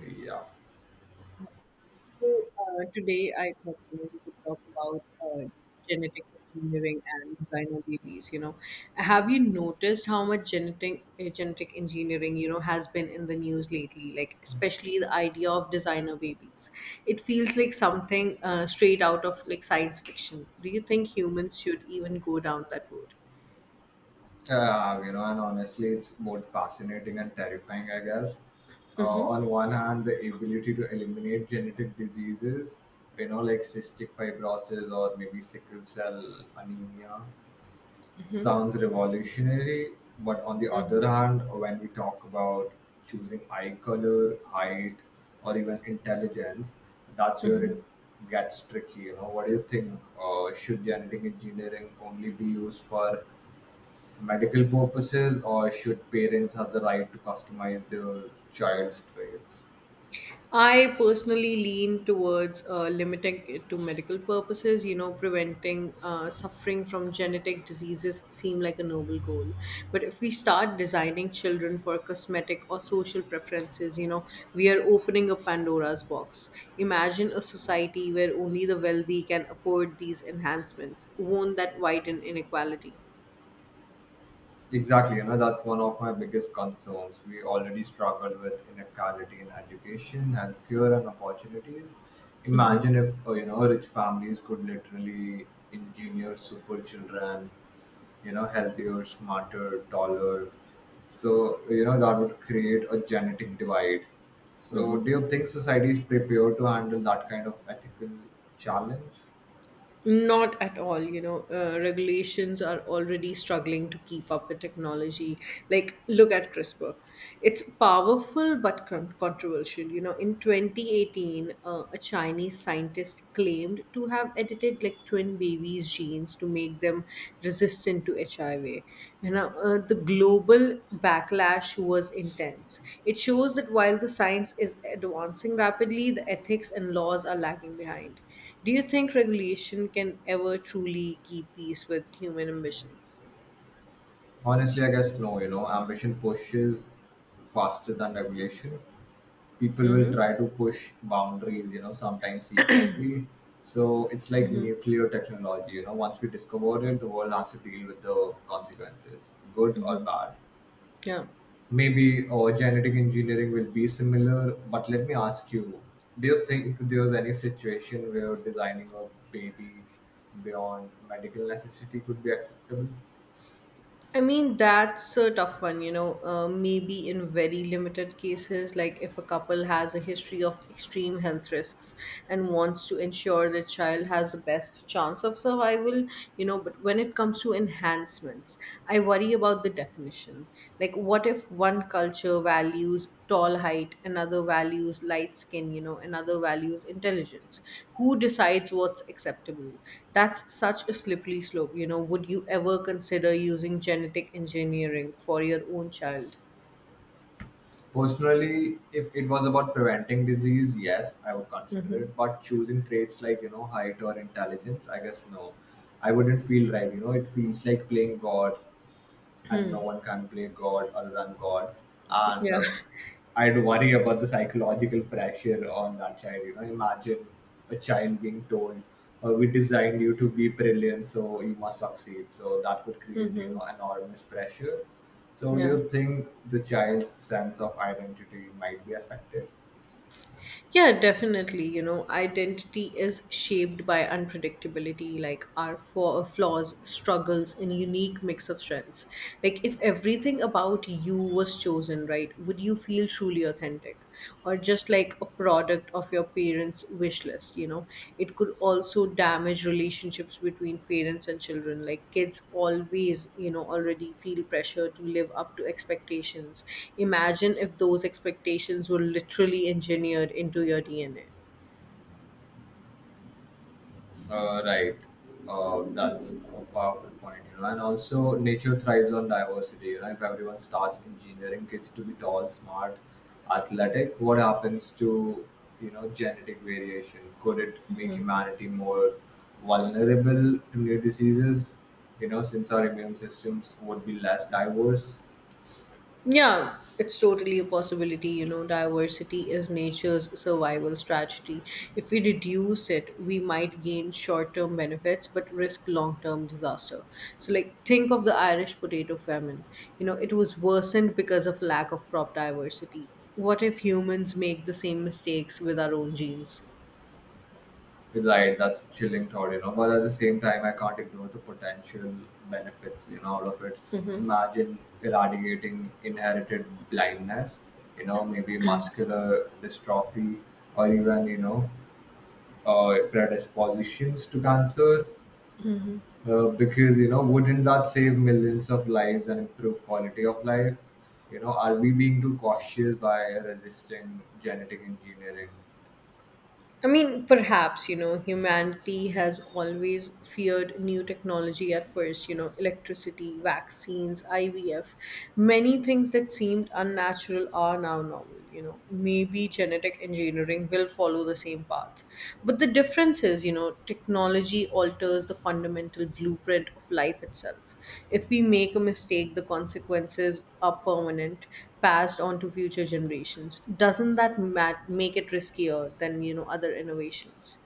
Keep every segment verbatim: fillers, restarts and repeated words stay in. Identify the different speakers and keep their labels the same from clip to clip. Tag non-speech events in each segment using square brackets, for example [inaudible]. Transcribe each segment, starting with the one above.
Speaker 1: Yeah.
Speaker 2: So uh, today I thought you know we could talk about uh, genetic engineering and designer babies. You know, have you noticed how much genetic uh, genetic engineering you know has been in the news lately? Like especially the idea of designer babies. It feels like something uh, straight out of like science fiction. Do you think humans should even go down that road?
Speaker 1: Uh, you know, and honestly, it's both fascinating and terrifying, I guess. Uh,
Speaker 2: Mm-hmm.
Speaker 1: on one hand, the ability to eliminate genetic diseases, you know, like cystic fibrosis or maybe sickle cell anemia, sounds revolutionary. But on the other hand, when we talk about choosing eye color, height, or even intelligence, that's where it
Speaker 2: Mm-hmm.
Speaker 1: gets tricky. You know, what do you think? Uh, should genetic engineering only be used for medical purposes, or should parents have the right to customize their child's traits?
Speaker 2: I personally lean towards uh, limiting it to medical purposes. You know, preventing uh, suffering from genetic diseases seem like a noble goal. But if we start designing children for cosmetic or social preferences, you know, we are opening a Pandora's box. Imagine a society where only the wealthy can afford these enhancements. Won't that widen inequality?
Speaker 1: Exactly, you know, that's one of my biggest concerns. We already struggle with inequality in education, healthcare, and opportunities.
Speaker 2: Mm-hmm.
Speaker 1: Imagine if, uh, you know, rich families could literally engineer super children, you know, healthier, smarter, taller. So, you know, that would create a genetic divide. So, do you think society is prepared to handle that kind of ethical challenge?
Speaker 2: Not at all, you know, uh, regulations are already struggling to keep up with technology. Like, look at CRISPR. It's powerful but con- controversial. You know, in twenty eighteen, uh, a Chinese scientist claimed to have edited like twin babies' genes to make them resistant to H I V. You know, uh, uh, the global backlash was intense. It shows that while the science is advancing rapidly, the ethics and laws are lagging behind. Do you think regulation can ever truly keep pace with human ambition?
Speaker 1: Honestly, I guess no, you know, ambition pushes faster than regulation. people will
Speaker 2: Mm-hmm.
Speaker 1: try to push boundaries, you know, sometimes secretly. So it's like
Speaker 2: Mm-hmm.
Speaker 1: nuclear technology, you know, once we discover it, the world has to deal with the consequences, good or bad.
Speaker 2: Yeah.
Speaker 1: Maybe uh, genetic engineering will be similar, but let me ask you, do you think there's any situation where designing a baby beyond medical necessity could be acceptable?
Speaker 2: I mean, that's a tough one, you know. Uh, maybe in very limited cases, like if a couple has a history of extreme health risks and wants to ensure the child has the best chance of survival, you know. But when it comes to enhancements, I worry about the definition. Like, what if one culture values tall height, another values light skin, you know, another values intelligence? Who decides what's acceptable? That's such a slippery slope. You know, would you ever consider using genetic engineering for your own child?
Speaker 1: Personally, if it was about preventing disease, yes, I would consider
Speaker 2: Mm-hmm.
Speaker 1: it. But choosing traits like, you know, height or intelligence, I guess no. I wouldn't feel right. You know, it feels like playing God, and no one can play God other than God. And
Speaker 2: Yeah.
Speaker 1: uh, I'd worry about the psychological pressure on that child. You know, imagine a child being told, uh, "We designed you to be brilliant, so you must succeed." So that could create, you
Speaker 2: [laughs] Mm-hmm.
Speaker 1: know, enormous pressure. So, do
Speaker 2: Yeah.
Speaker 1: you think the child's sense of identity might be affected?
Speaker 2: Yeah, definitely. You know, identity is shaped by unpredictability, like our flaw- flaws, struggles, and unique mix of strengths. Like, if everything about you was chosen, right, would you feel truly authentic? Or just like a product of your parents wish list? You know, it could also damage relationships between parents and children. Like kids always, you know, already feel pressure to live up to expectations. Imagine if those expectations were literally engineered into your D N A.
Speaker 1: Uh, right. Uh, that's a powerful point, you know. And also, nature thrives on diversity. You know, if everyone starts engineering kids to be tall, smart, athletic, what happens to you know genetic variation? Could it make humanity more vulnerable to new diseases? You know, since our immune systems would be less diverse.
Speaker 2: Yeah, it's totally a possibility. You know, diversity is nature's survival strategy. If we reduce it, we might gain short term benefits but risk long term disaster. So, like, think of the Irish potato famine. You know, it was worsened because of lack of crop diversity. What if humans make the same mistakes with our own genes?
Speaker 1: Right, that's a chilling thought, you know. But at the same time, I can't ignore the potential benefits, you know, out of it.
Speaker 2: Mm-hmm.
Speaker 1: Imagine eradicating inherited blindness, you know, maybe muscular dystrophy, or even, you know, uh, predispositions to cancer. Uh, because, you know, wouldn't that save millions of lives and improve quality of life? You know, are we being too cautious by resisting genetic engineering?
Speaker 2: I mean, perhaps, you know, humanity has always feared new technology at first, you know, electricity, vaccines, I V F. Many things that seemed unnatural are now normal, you know. Maybe genetic engineering will follow the same path. But the difference is, you know, technology alters the fundamental blueprint of life itself. If we make a mistake, the consequences are permanent, passed on to future generations. Doesn't that ma- make it riskier than, you know, other innovations?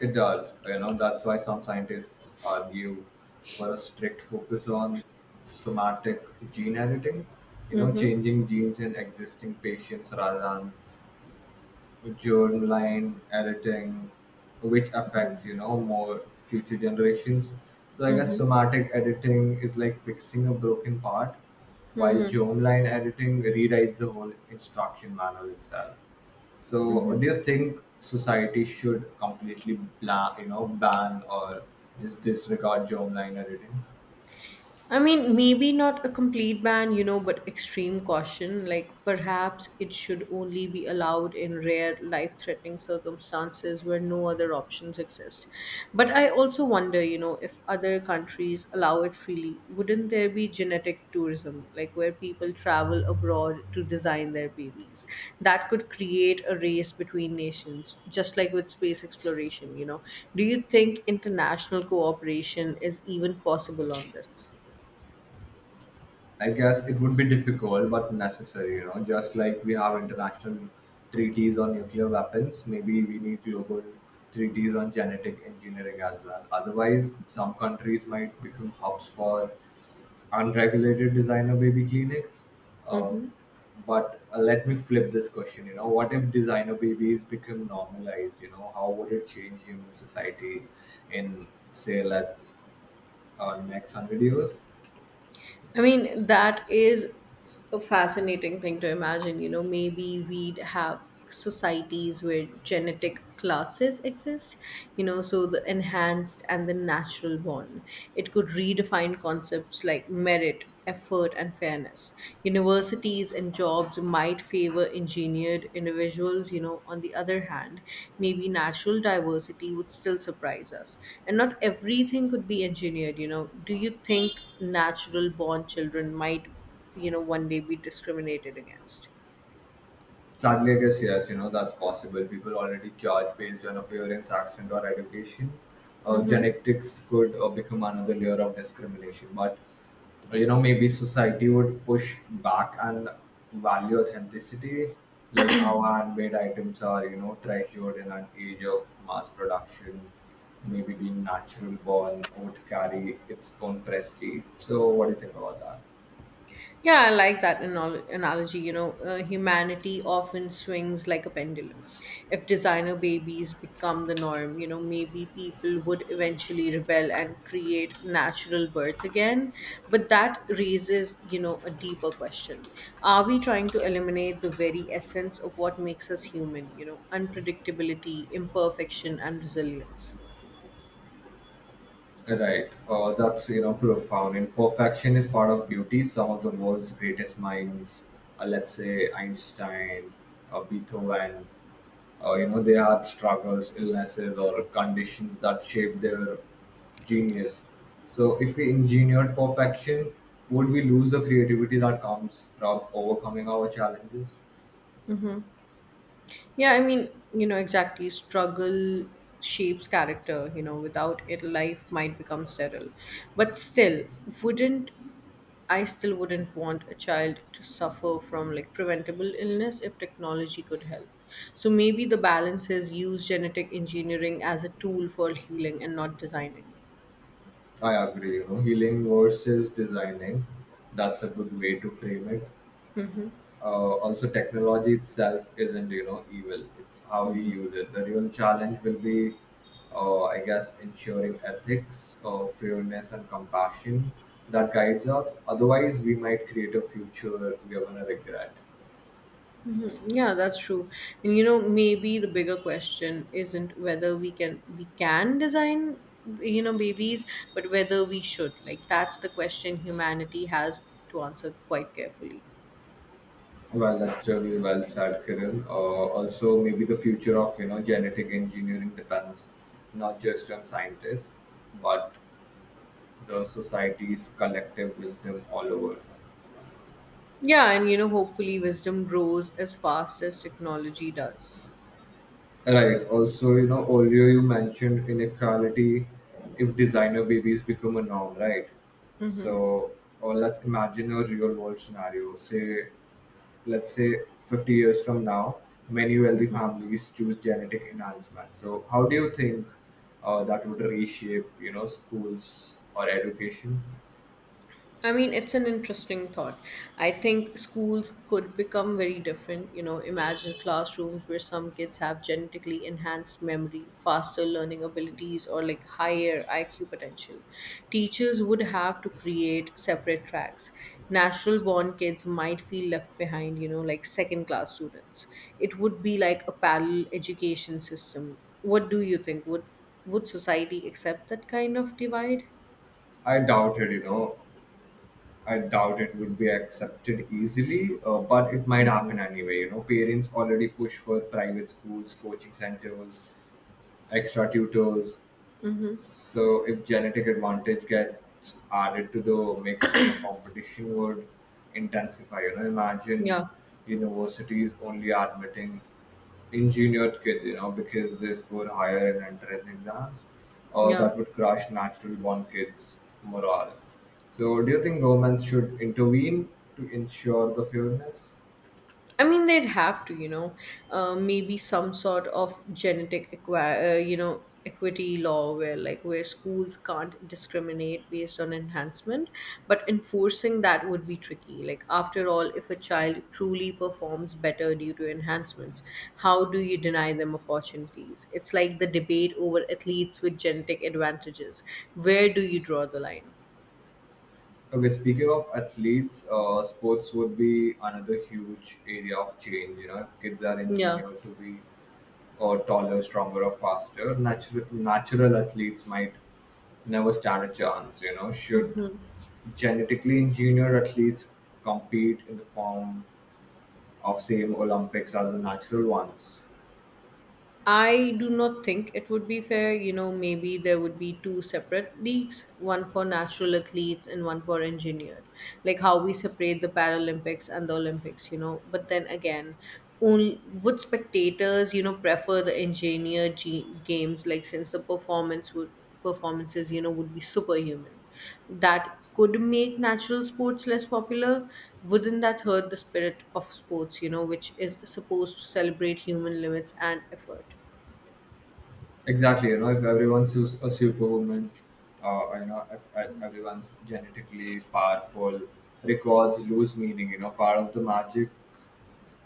Speaker 1: It does, you know, That's why some scientists argue for a strict focus on somatic gene editing, you know,
Speaker 2: Mm-hmm.
Speaker 1: changing genes in existing patients rather than germline editing, which affects, you know, more future generations. So I guess
Speaker 2: Mm-hmm.
Speaker 1: somatic editing is like fixing a broken part, while germline editing rewrites the whole instruction manual itself. So, do you think society should completely bla you know, ban, or just disregard germline editing?
Speaker 2: I mean, maybe not a complete ban, you know, but extreme caution. Like, perhaps it should only be allowed in rare life threatening circumstances where no other options exist. But I also wonder, you know, if other countries allow it freely, wouldn't there be genetic tourism, like where people travel abroad to design their babies? That could create a race between nations, just like with space exploration, you know. Do you think international cooperation is even possible on this?
Speaker 1: I guess it would be difficult but necessary, you know, just like we have international treaties on nuclear weapons. Maybe we need global treaties on genetic engineering as well. Otherwise, some countries might become hubs for unregulated designer baby clinics. Uh,
Speaker 2: Hmm.
Speaker 1: but uh, let me flip this question. You know, what if designer babies become normalized? You know, how would it change human society in, say, let's uh, next hundred years?
Speaker 2: I mean, that is a fascinating thing to imagine. You know, maybe we'd have societies where genetic classes exist, you know, so the enhanced and the natural born. It could redefine concepts like merit effort and fairness. Universities and jobs might favor engineered individuals, you know, on the other hand, maybe natural diversity would still surprise us. And not everything could be engineered, you know. Do you think natural born children might, you know, one day be discriminated against?
Speaker 1: Sadly, I guess yes. You know, that's possible. People already charge based on appearance, accent, or education. Uh,
Speaker 2: Mm-hmm.
Speaker 1: genetics could uh, become another layer of discrimination, but you know maybe society would push back and value authenticity, like how handmade items are you know treasured in an age of mass production. Maybe being natural born would carry its own prestige. So what do you think about that?
Speaker 2: Yeah, I like that anal- analogy. You know, uh, humanity often swings like a pendulum. If designer babies become the norm, you know, maybe people would eventually rebel and create natural birth again. But that raises, you know, a deeper question. Are we trying to eliminate the very essence of what makes us human? You know, unpredictability, imperfection, and resilience?
Speaker 1: Right uh, That's you know profound. Imperfection is part of beauty. Some of the world's greatest minds, uh, let's say Einstein, uh, Beethoven, uh, you know they had struggles, illnesses, or conditions that shaped their genius. So if we engineered perfection, would we lose the creativity that comes from overcoming our challenges?
Speaker 2: Yeah, I mean, you know, exactly. Struggle shapes character, you know, without it, life might become sterile. But still, wouldn't I still wouldn't want a child to suffer from like preventable illness if technology could help. So maybe the balance is use genetic engineering as a tool for healing and not designing.
Speaker 1: I agree you know Healing versus designing, that's a good way to frame it. Uh, also, technology itself isn't you know evil. It's how we use it. The real challenge will be, uh, I guess, ensuring ethics, uh, fairness, and compassion that guides us. Otherwise we might create a future we are going to regret.
Speaker 2: Mhm. Yeah, that's true. And you know, maybe the bigger question isn't whether we can we can design, you know, babies, but whether we should. Like that's the question humanity has to answer quite carefully.
Speaker 1: Well, that's really well said, Kiran. Uh, also, maybe the future of you know genetic engineering depends not just on scientists, but the society's collective wisdom all over.
Speaker 2: Yeah, and you know, hopefully wisdom grows as fast as technology does.
Speaker 1: Right. Also, you know, earlier you mentioned inequality, if designer babies become a norm, right?
Speaker 2: Mm-hmm.
Speaker 1: So, or let's imagine a real world scenario. Say, let's say fifty years from now, many wealthy families choose genetic enhancement. So, how do you think uh, that would reshape, you know, schools or education?
Speaker 2: I mean, it's an interesting thought. I think schools could become very different. You know, imagine classrooms where some kids have genetically enhanced memory, faster learning abilities, or like higher I Q potential. Teachers would have to create separate tracks. Natural born kids might feel left behind, you know, like second class students. It would be like a parallel education system. What do you think? Would would society accept that kind of divide?
Speaker 1: I doubt it, you know. I doubt it would be accepted easily, uh, but it might
Speaker 2: Mm-hmm.
Speaker 1: happen anyway. You know, parents already push for private schools, coaching centers, extra tutors.
Speaker 2: Mm-hmm.
Speaker 1: So if genetic advantage gets added to the mix, you know, competition would intensify. You know, imagine
Speaker 2: Yeah.
Speaker 1: universities only admitting engineered kids, you know, because they score higher in entrance exams, or
Speaker 2: Yeah.
Speaker 1: that would crush naturally born kids' morale. So, do you think governments should intervene to ensure the fairness?
Speaker 2: I mean, they'd have to, you know, uh, maybe some sort of genetic, equi- uh, you know, equity law where, like, where schools can't discriminate based on enhancement, but enforcing that would be tricky. Like after all, if a child truly performs better due to enhancements, how do you deny them opportunities? It's like the debate over athletes with genetic advantages. Where do you draw the line?
Speaker 1: Okay, speaking of athletes, uh, sports would be another huge area of change. You know, if kids are
Speaker 2: Yeah.
Speaker 1: engineered to be or taller, stronger, or faster, natural natural athletes might never stand a chance. You know, should genetically engineered athletes compete in the form of same Olympics as the natural ones?
Speaker 2: I do not think it would be fair. You know, maybe there would be two separate leagues, one for natural athletes and one for engineered. Like how we separate the Paralympics and the Olympics, you know. But then again, only, would spectators, you know, prefer the engineered ge- games, like since the performance would performances, you know, would be superhuman. That could make natural sports less popular. Wouldn't that hurt the spirit of sports, you know, which is supposed to celebrate human limits and effort?
Speaker 1: Exactly. You know, if everyone's su- a superwoman, uh, you know, if, if everyone's genetically powerful, records lose meaning. You know, part of the magic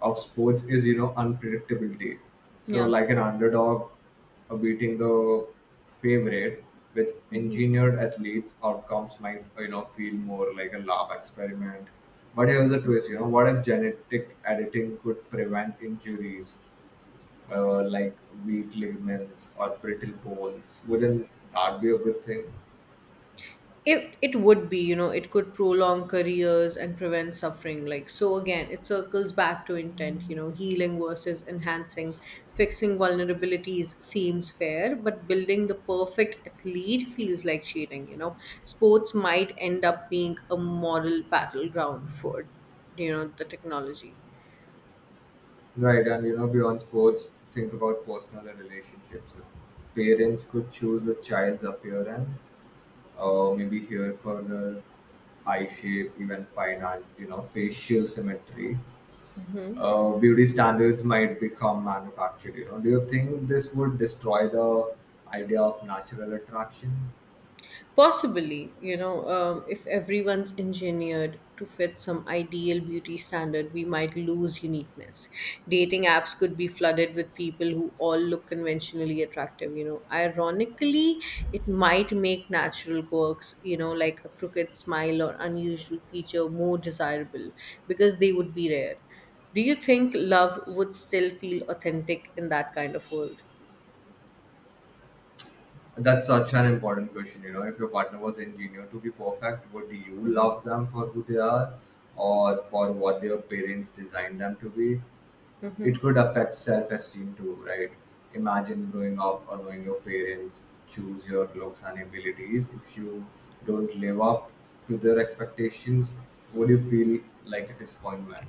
Speaker 1: of sports is you know unpredictability. So
Speaker 2: Yeah.
Speaker 1: like an underdog uh, beating the favorite, with engineered athletes, outcomes might, uh, you know feel more like a lab experiment. But here's a twist, you know what if genetic editing could prevent injuries, uh, like weak ligaments or brittle bones? Wouldn't that be a good thing?
Speaker 2: It it would be, you know, it could prolong careers and prevent suffering. Like so again, it circles back to intent, you know, healing versus enhancing. Fixing vulnerabilities seems fair, but building the perfect athlete feels like cheating, you know. Sports might end up being a model battleground for, you know, the technology.
Speaker 1: Right, and you know beyond sports, think about personal and relationships. If parents could choose a child's appearance, uh, maybe hair color, eye shape, even fine art, you know, facial symmetry. Uh, beauty standards might become manufactured, you know. Do you think this would destroy the idea of natural attraction?
Speaker 2: Possibly, you know, um, if everyone's engineered to fit some ideal beauty standard, we might lose uniqueness. Dating apps could be flooded with people who all look conventionally attractive, you know. Ironically, it might make natural quirks, you know, like a crooked smile or unusual feature more desirable because they would be rare. Do you think love would still feel authentic in that kind of world?
Speaker 1: That's such an important question, you know. If your partner was engineered to be perfect, would you love them for who they are, or for what their parents designed them to be? It could affect self-esteem too, right? Imagine growing up or knowing your parents choose your looks and abilities. If you don't live up to their expectations, would you feel like a disappointment?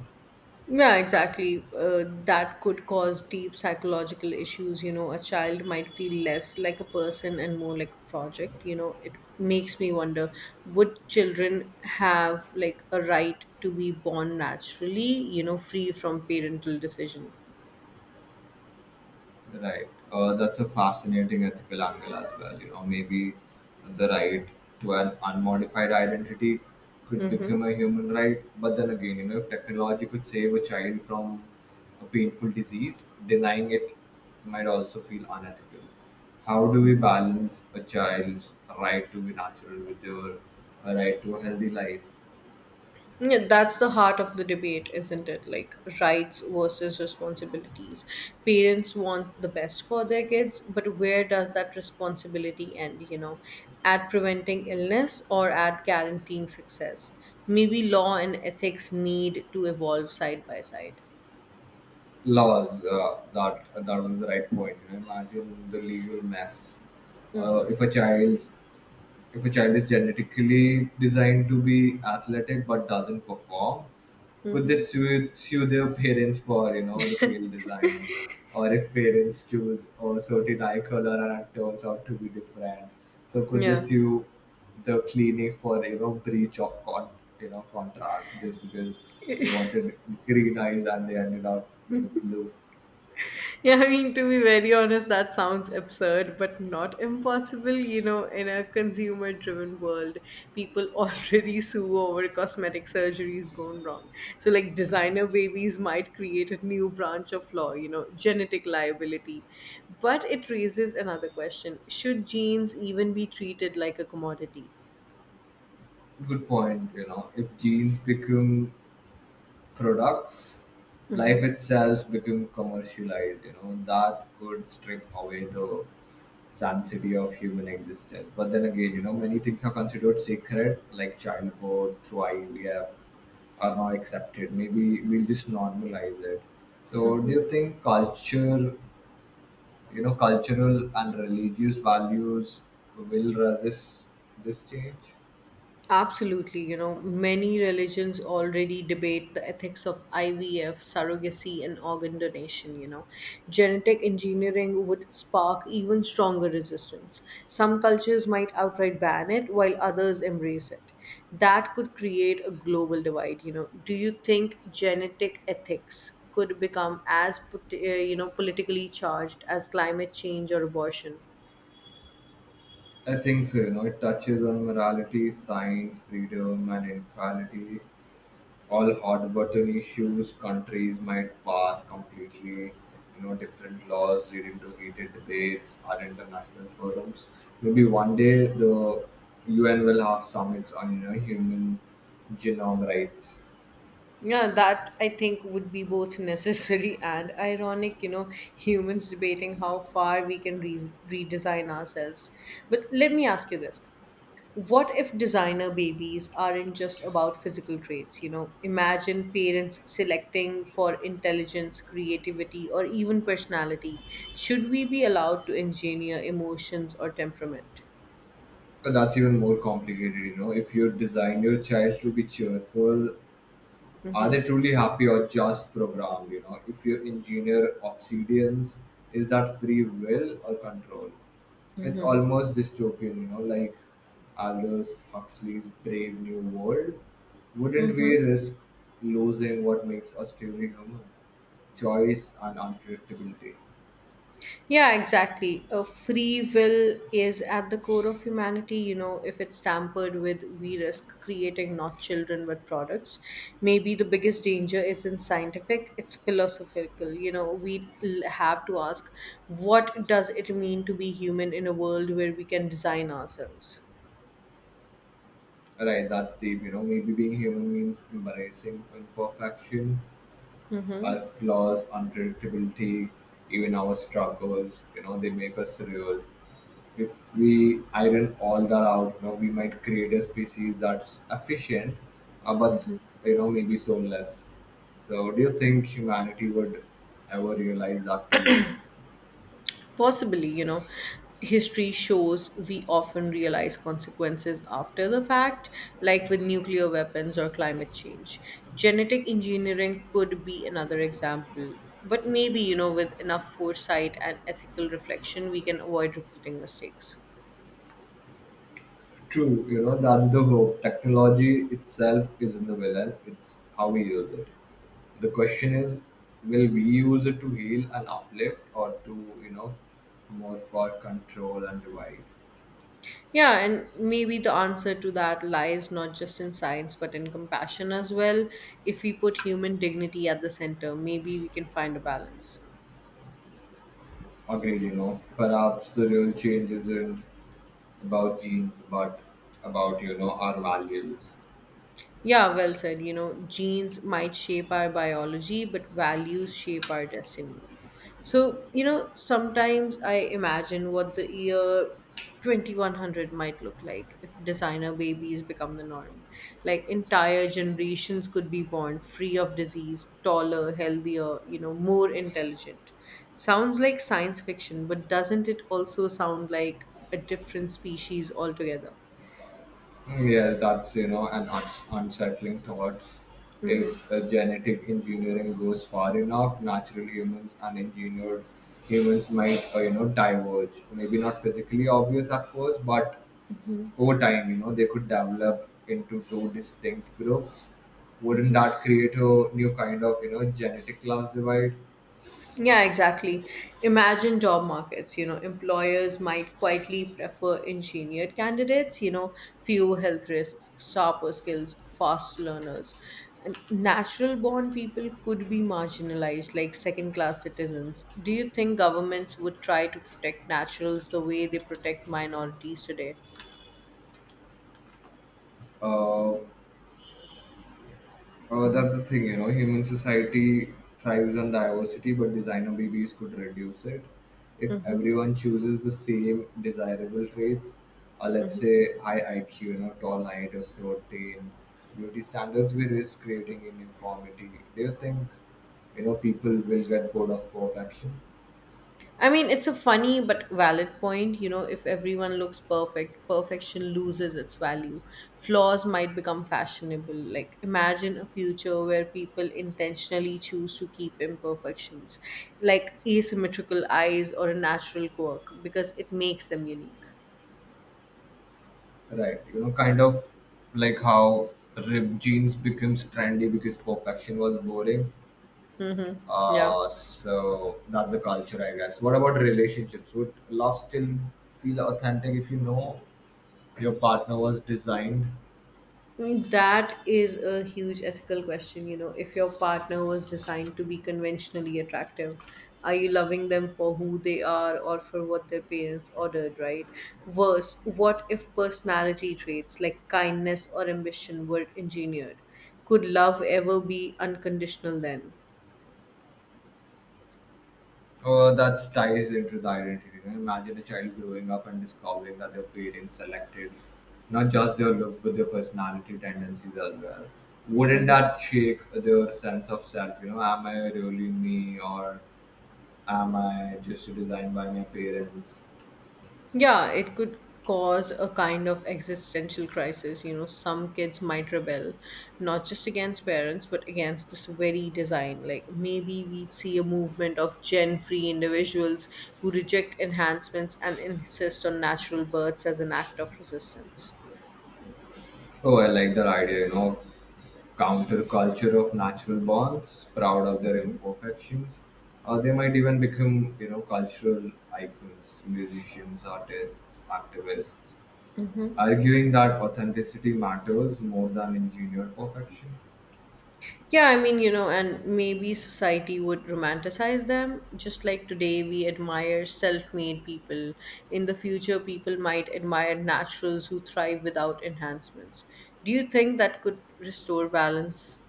Speaker 2: Yeah, exactly. Uh, that could cause deep psychological issues. You know, a child might feel less like a person and more like a project. You know, it makes me wonder, would children have like a right to be born naturally, you know, free from parental decision?
Speaker 1: Right. Uh, that's a fascinating ethical angle as well. You know, maybe the right to an unmodified identity could
Speaker 2: Mm-hmm.
Speaker 1: become a human right. But then again, you know, if technology could save a child from a painful disease, denying it might also feel unethical. How do we balance a child's right to be natural with their uh, right to a healthy life?
Speaker 2: Yeah, that's the heart of the debate, isn't it? Like rights versus responsibilities. Parents want the best for their kids, but where does that responsibility end, you know? At preventing illness or at guaranteeing success? Maybe law and ethics need to evolve side by side.
Speaker 1: Laws. Uh, that that was the right point. You know, imagine the legal mess, uh, if a child's if a child is genetically designed to be athletic but doesn't perform, could they
Speaker 2: Mm-hmm.
Speaker 1: sue, sue their parents for you know the failed design, or if parents choose a certain eye color and it turns out to be different, so could they
Speaker 2: Yeah.
Speaker 1: sue the clinic for you know breach of con you know contract, just because they wanted green eyes and they ended up with blue?
Speaker 2: Yeah, I mean, to be very honest, that sounds absurd, but not impossible. You know, in a consumer driven world, people [laughs] already sue over cosmetic surgeries gone wrong. So, like, designer babies might create a new branch of law, you know, genetic liability. But it raises another question, should genes even be treated like a commodity?
Speaker 1: Good point. You know, if genes become products, life itself become commercialized. You know that could strip away the sanctity of human existence. But then again, you know many things are considered sacred, like childbirth through I V F, are now accepted. Maybe we'll just normalize it. So do
Speaker 2: Mm-hmm.
Speaker 1: you think culture you know cultural and religious values will resist this change?
Speaker 2: Absolutely, you know, many religions already debate the ethics of I V F, surrogacy, and organ donation. You know, genetic engineering would spark even stronger resistance. Some cultures might outright ban it, while others embrace it. That could create a global divide. You know, do you think genetic ethics could become as, pot- uh, you know, politically charged as climate change or abortion?
Speaker 1: I think so. You know it touches on morality, science, freedom, and inequality. All hot button issues. Countries might pass completely you know different laws, leading to heated debates at international forums. Maybe one day the U N will have summits on you know human genome rights.
Speaker 2: Yeah, that I think would be both necessary [laughs] and ironic, you know, humans debating how far we can re- redesign ourselves. But let me ask you this. What if designer babies aren't just about physical traits? You know, imagine parents selecting for intelligence, creativity, or even personality. Should we be allowed to engineer emotions or temperament?
Speaker 1: But that's even more complicated, you know If you design your child to be cheerful, are
Speaker 2: Mm-hmm.
Speaker 1: they truly happy or just programmed? You know if you engineer obsidians, is that free will or control? It's almost dystopian, you know like Aldous Huxley's Brave New World. Wouldn't we
Speaker 2: Mm-hmm.
Speaker 1: risk losing what makes us truly human? Choice and unpredictability.
Speaker 2: Yeah, exactly. A free will is at the core of humanity. You know, if it's tampered with, we risk creating not children but products. Maybe the biggest danger isn't scientific, it's philosophical. You know, we l- have to ask, what does it mean to be human in a world where we can design ourselves?
Speaker 1: Right, that's deep. You know maybe being human means embracing imperfection,
Speaker 2: Mm-hmm.
Speaker 1: our flaws, unpredictability, even our struggles. You know they make us real. If we iron all that out, you know, we might create a species that's efficient, uh, but you know, maybe soulless. So, do you think humanity would ever realize that too?
Speaker 2: Possibly, you know, history shows we often realize consequences after the fact, like with nuclear weapons or climate change. Genetic engineering could be another example. But maybe, you know, with enough foresight and ethical reflection, we can avoid repeating mistakes.
Speaker 1: True, you know, that's the hope. Technology itself isn't the villain; it's how we use it. The question is, will we use it to heal and uplift, or to, you know, more for control and divide?
Speaker 2: Yeah, and maybe the answer to that lies not just in science but in compassion as well. If we put human dignity at the center, maybe we can find a balance.
Speaker 1: Agreed. You know, perhaps the real change isn't about genes, but about, you know, our values.
Speaker 2: Yeah, well said. You know, genes might shape our biology, but values shape our destiny. So, you know, sometimes I imagine what the year twenty one hundred might look like if designer babies become the norm. Like, entire generations could be born free of disease, taller, healthier, you know, more intelligent. Sounds like science fiction, but doesn't it also sound like a different species altogether?
Speaker 1: Mm, yes, that's, you know, an un- unsettling thought.
Speaker 2: Mm-hmm.
Speaker 1: If uh, genetic engineering goes far enough, natural humans and engineered humans might, uh, you know, diverge. Maybe not physically obvious at first, but over time, you know, they could develop into two distinct groups. Wouldn't that create a new kind of, you know, genetic class divide?
Speaker 2: Yeah, exactly. Imagine job markets. You know, employers might quietly prefer engineered candidates, you know, few health risks, sharper skills, fast learners. And natural born people could be marginalized like second class citizens. Do you think governments would try to protect naturals the way they protect minorities today?
Speaker 1: Uh, Uh,
Speaker 2: Mm-hmm.
Speaker 1: that's the thing, you know, human society thrives on diversity, but designer babies could reduce it. If
Speaker 2: Mm-hmm.
Speaker 1: everyone chooses the same desirable traits, uh, let's say high I Q, you know, tall height or short tan, beauty standards, we risk creating uniformity. Do you think, you know, people will get bored of perfection?
Speaker 2: I mean, it's a funny but valid point. You know, if everyone looks perfect, perfection loses its value. Flaws might become fashionable. Like, imagine a future where people intentionally choose to keep imperfections, like asymmetrical eyes or a natural quirk, because it makes them unique.
Speaker 1: Right, you know, kind of like how ripped jeans becomes trendy because perfection was boring.
Speaker 2: Mm-hmm. Yeah.
Speaker 1: Uh, so that's the culture, I guess. What about relationships? Would love still feel authentic if, you know, your partner was designed?
Speaker 2: I mean, that is a huge ethical question. You know, if your partner was designed to be conventionally attractive, are you loving them for who they are or for what their parents ordered, right? Worse, what if personality traits like kindness or ambition were engineered? Could love ever be unconditional then?
Speaker 1: Uh, that ties into the identity. Right? Imagine a child growing up and discovering that their parents selected not just their looks but their personality tendencies as well. Wouldn't
Speaker 2: Mm-hmm.
Speaker 1: that shake their sense of self? You know, am I really me or am I just designed by my parents?
Speaker 2: Yeah, it could cause a kind of existential crisis. You know, some kids might rebel, not just against parents, but against this very design. Like maybe we see a movement of gen free individuals who reject enhancements and insist on natural births as an act of resistance.
Speaker 1: Oh, I like that idea, you know. Counterculture of natural bonds, proud of their imperfections, or they might even become, you know, cultural icons, musicians, artists, activists, arguing that authenticity matters more than engineered perfection.
Speaker 2: Yeah, I mean, you know, and maybe society would romanticize them. Just like today, we admire self made people. In the future, people might admire naturals who thrive without enhancements. Do you think that could restore balance?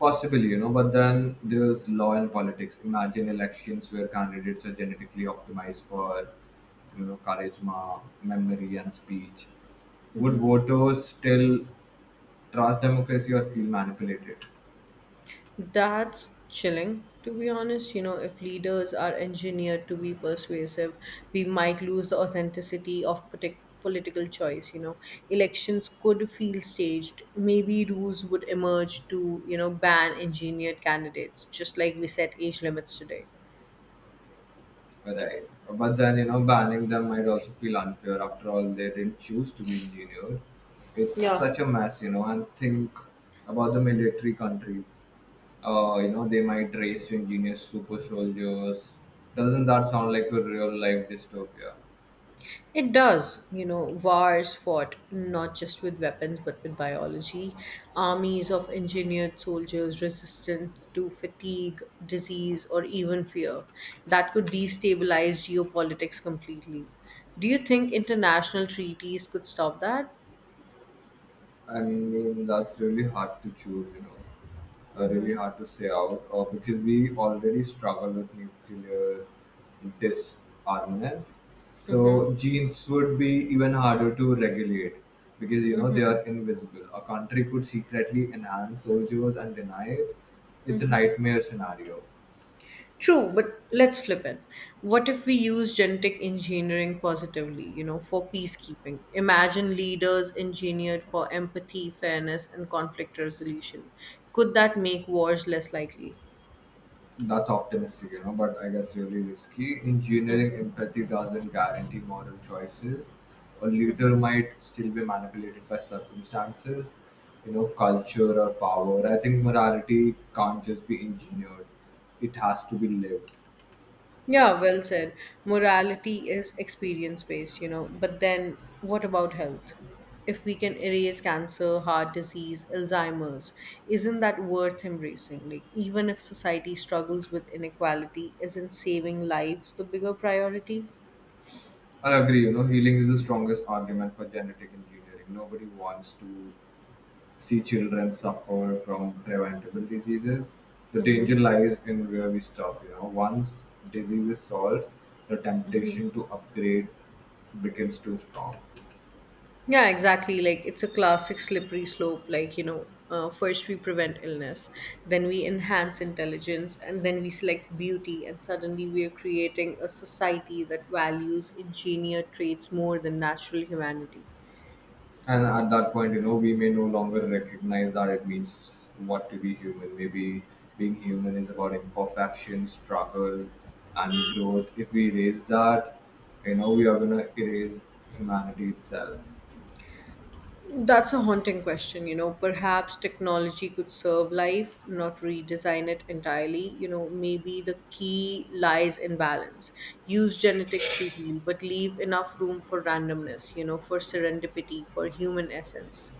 Speaker 1: Possibly, you know, but then there's law and politics. Imagine elections where candidates are genetically optimized for, you know, charisma, memory, and speech. Would voters still trust democracy or feel manipulated?
Speaker 2: That's chilling, to be honest. You know, if leaders are engineered to be persuasive, we might lose the authenticity of partic- political choice. You know, elections could feel staged. Maybe rules would emerge to, you know, ban engineered candidates, just like we set age limits today.
Speaker 1: Right. But then, you know, banning them might also feel unfair. After all, they didn't choose to be engineered. It's
Speaker 2: Yeah,
Speaker 1: such a mess, you know, and think about the military countries. Uh, you know, they might race to engineer super soldiers. Doesn't that sound like a real life dystopia?
Speaker 2: it does, you know, wars fought not just with weapons but with biology. Armies of engineered soldiers resistant to fatigue, disease, or even fear that could destabilize geopolitics completely. Do you think international treaties could stop that?
Speaker 1: I mean, that's really hard to choose, you know. Uh, really
Speaker 2: Mm-hmm.
Speaker 1: hard to say out uh, because we already struggle with nuclear disarmament. So
Speaker 2: Mm-hmm.
Speaker 1: genes would be even harder to regulate because, you know, they are
Speaker 2: Mm-hmm.
Speaker 1: invisible. A country could secretly enhance soldiers and deny it. It's a nightmare scenario.
Speaker 2: True, but let's flip it. What if we use genetic engineering positively, you know, for peacekeeping? Imagine leaders engineered for empathy, fairness, and conflict resolution. Could that make wars less likely?
Speaker 1: That's optimistic, you know, but I guess really risky. Engineering empathy doesn't guarantee moral choices. A leader might still be manipulated by circumstances, you know, culture or power. I think morality can't just be engineered, it has to be lived.
Speaker 2: Yeah, well said. Morality is experience based, you know. But then what about health? If we can erase cancer, heart disease, Alzheimer's, isn't that worth embracing? Like, even if society struggles with inequality, isn't saving lives the bigger priority?
Speaker 1: I agree, you know, healing is the strongest argument for genetic engineering. Nobody wants to see children suffer from preventable diseases. The
Speaker 2: Mm-hmm.
Speaker 1: danger lies in where we stop. You know, once disease is solved, the temptation to upgrade becomes too strong.
Speaker 2: Yeah, exactly. Like it's a classic slippery slope. Like, you know, uh, first we prevent illness, then we enhance intelligence, and then we select beauty. And suddenly we are creating a society that values engineered traits more than natural humanity.
Speaker 1: And at that point, you know, we may no longer recognize that it means what to be human. Maybe being human is about imperfection, struggle, and growth. If we erase that, you know, we are going to erase humanity itself.
Speaker 2: That's a haunting question, you know. Perhaps technology could serve life, not redesign it entirely. You know, maybe the key lies in balance. Use genetics to heal, but leave enough room for randomness, you know, for serendipity, for human essence.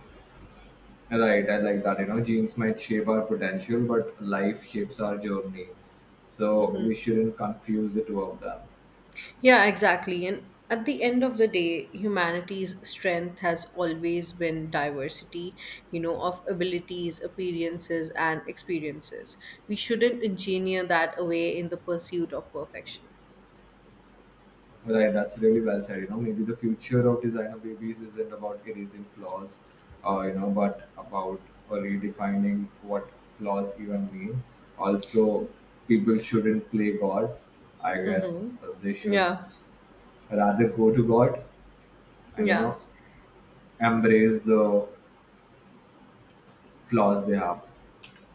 Speaker 1: Right, I like that. You know, genes might shape our potential, but life shapes our journey. So
Speaker 2: Mhm.
Speaker 1: we shouldn't confuse the two of them.
Speaker 2: Yeah, exactly. And at the end of the day, humanity's strength has always been diversity, you know, of abilities, appearances, and experiences. We shouldn't engineer that away in the pursuit of perfection.
Speaker 1: Right, that's really well said. You know, maybe the future of designer babies isn't about erasing flaws, uh, you know, but about redefining what flaws even mean. Also, people shouldn't play God. I guess
Speaker 2: Mm-hmm.
Speaker 1: they should
Speaker 2: Yeah.
Speaker 1: rather go to God and, you
Speaker 2: Yeah.
Speaker 1: know, embrace the flaws they have.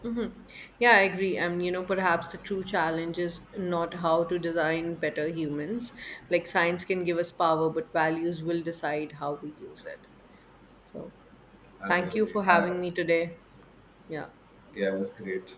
Speaker 2: Mm-hmm. Yeah, I agree. And, you know, perhaps the true challenge is not how to design better humans. Like, science can give us power, but values will decide how we use it. So,
Speaker 1: I
Speaker 2: thank you
Speaker 1: really,
Speaker 2: for
Speaker 1: I
Speaker 2: having me today. Yeah.
Speaker 1: yeah, it was great.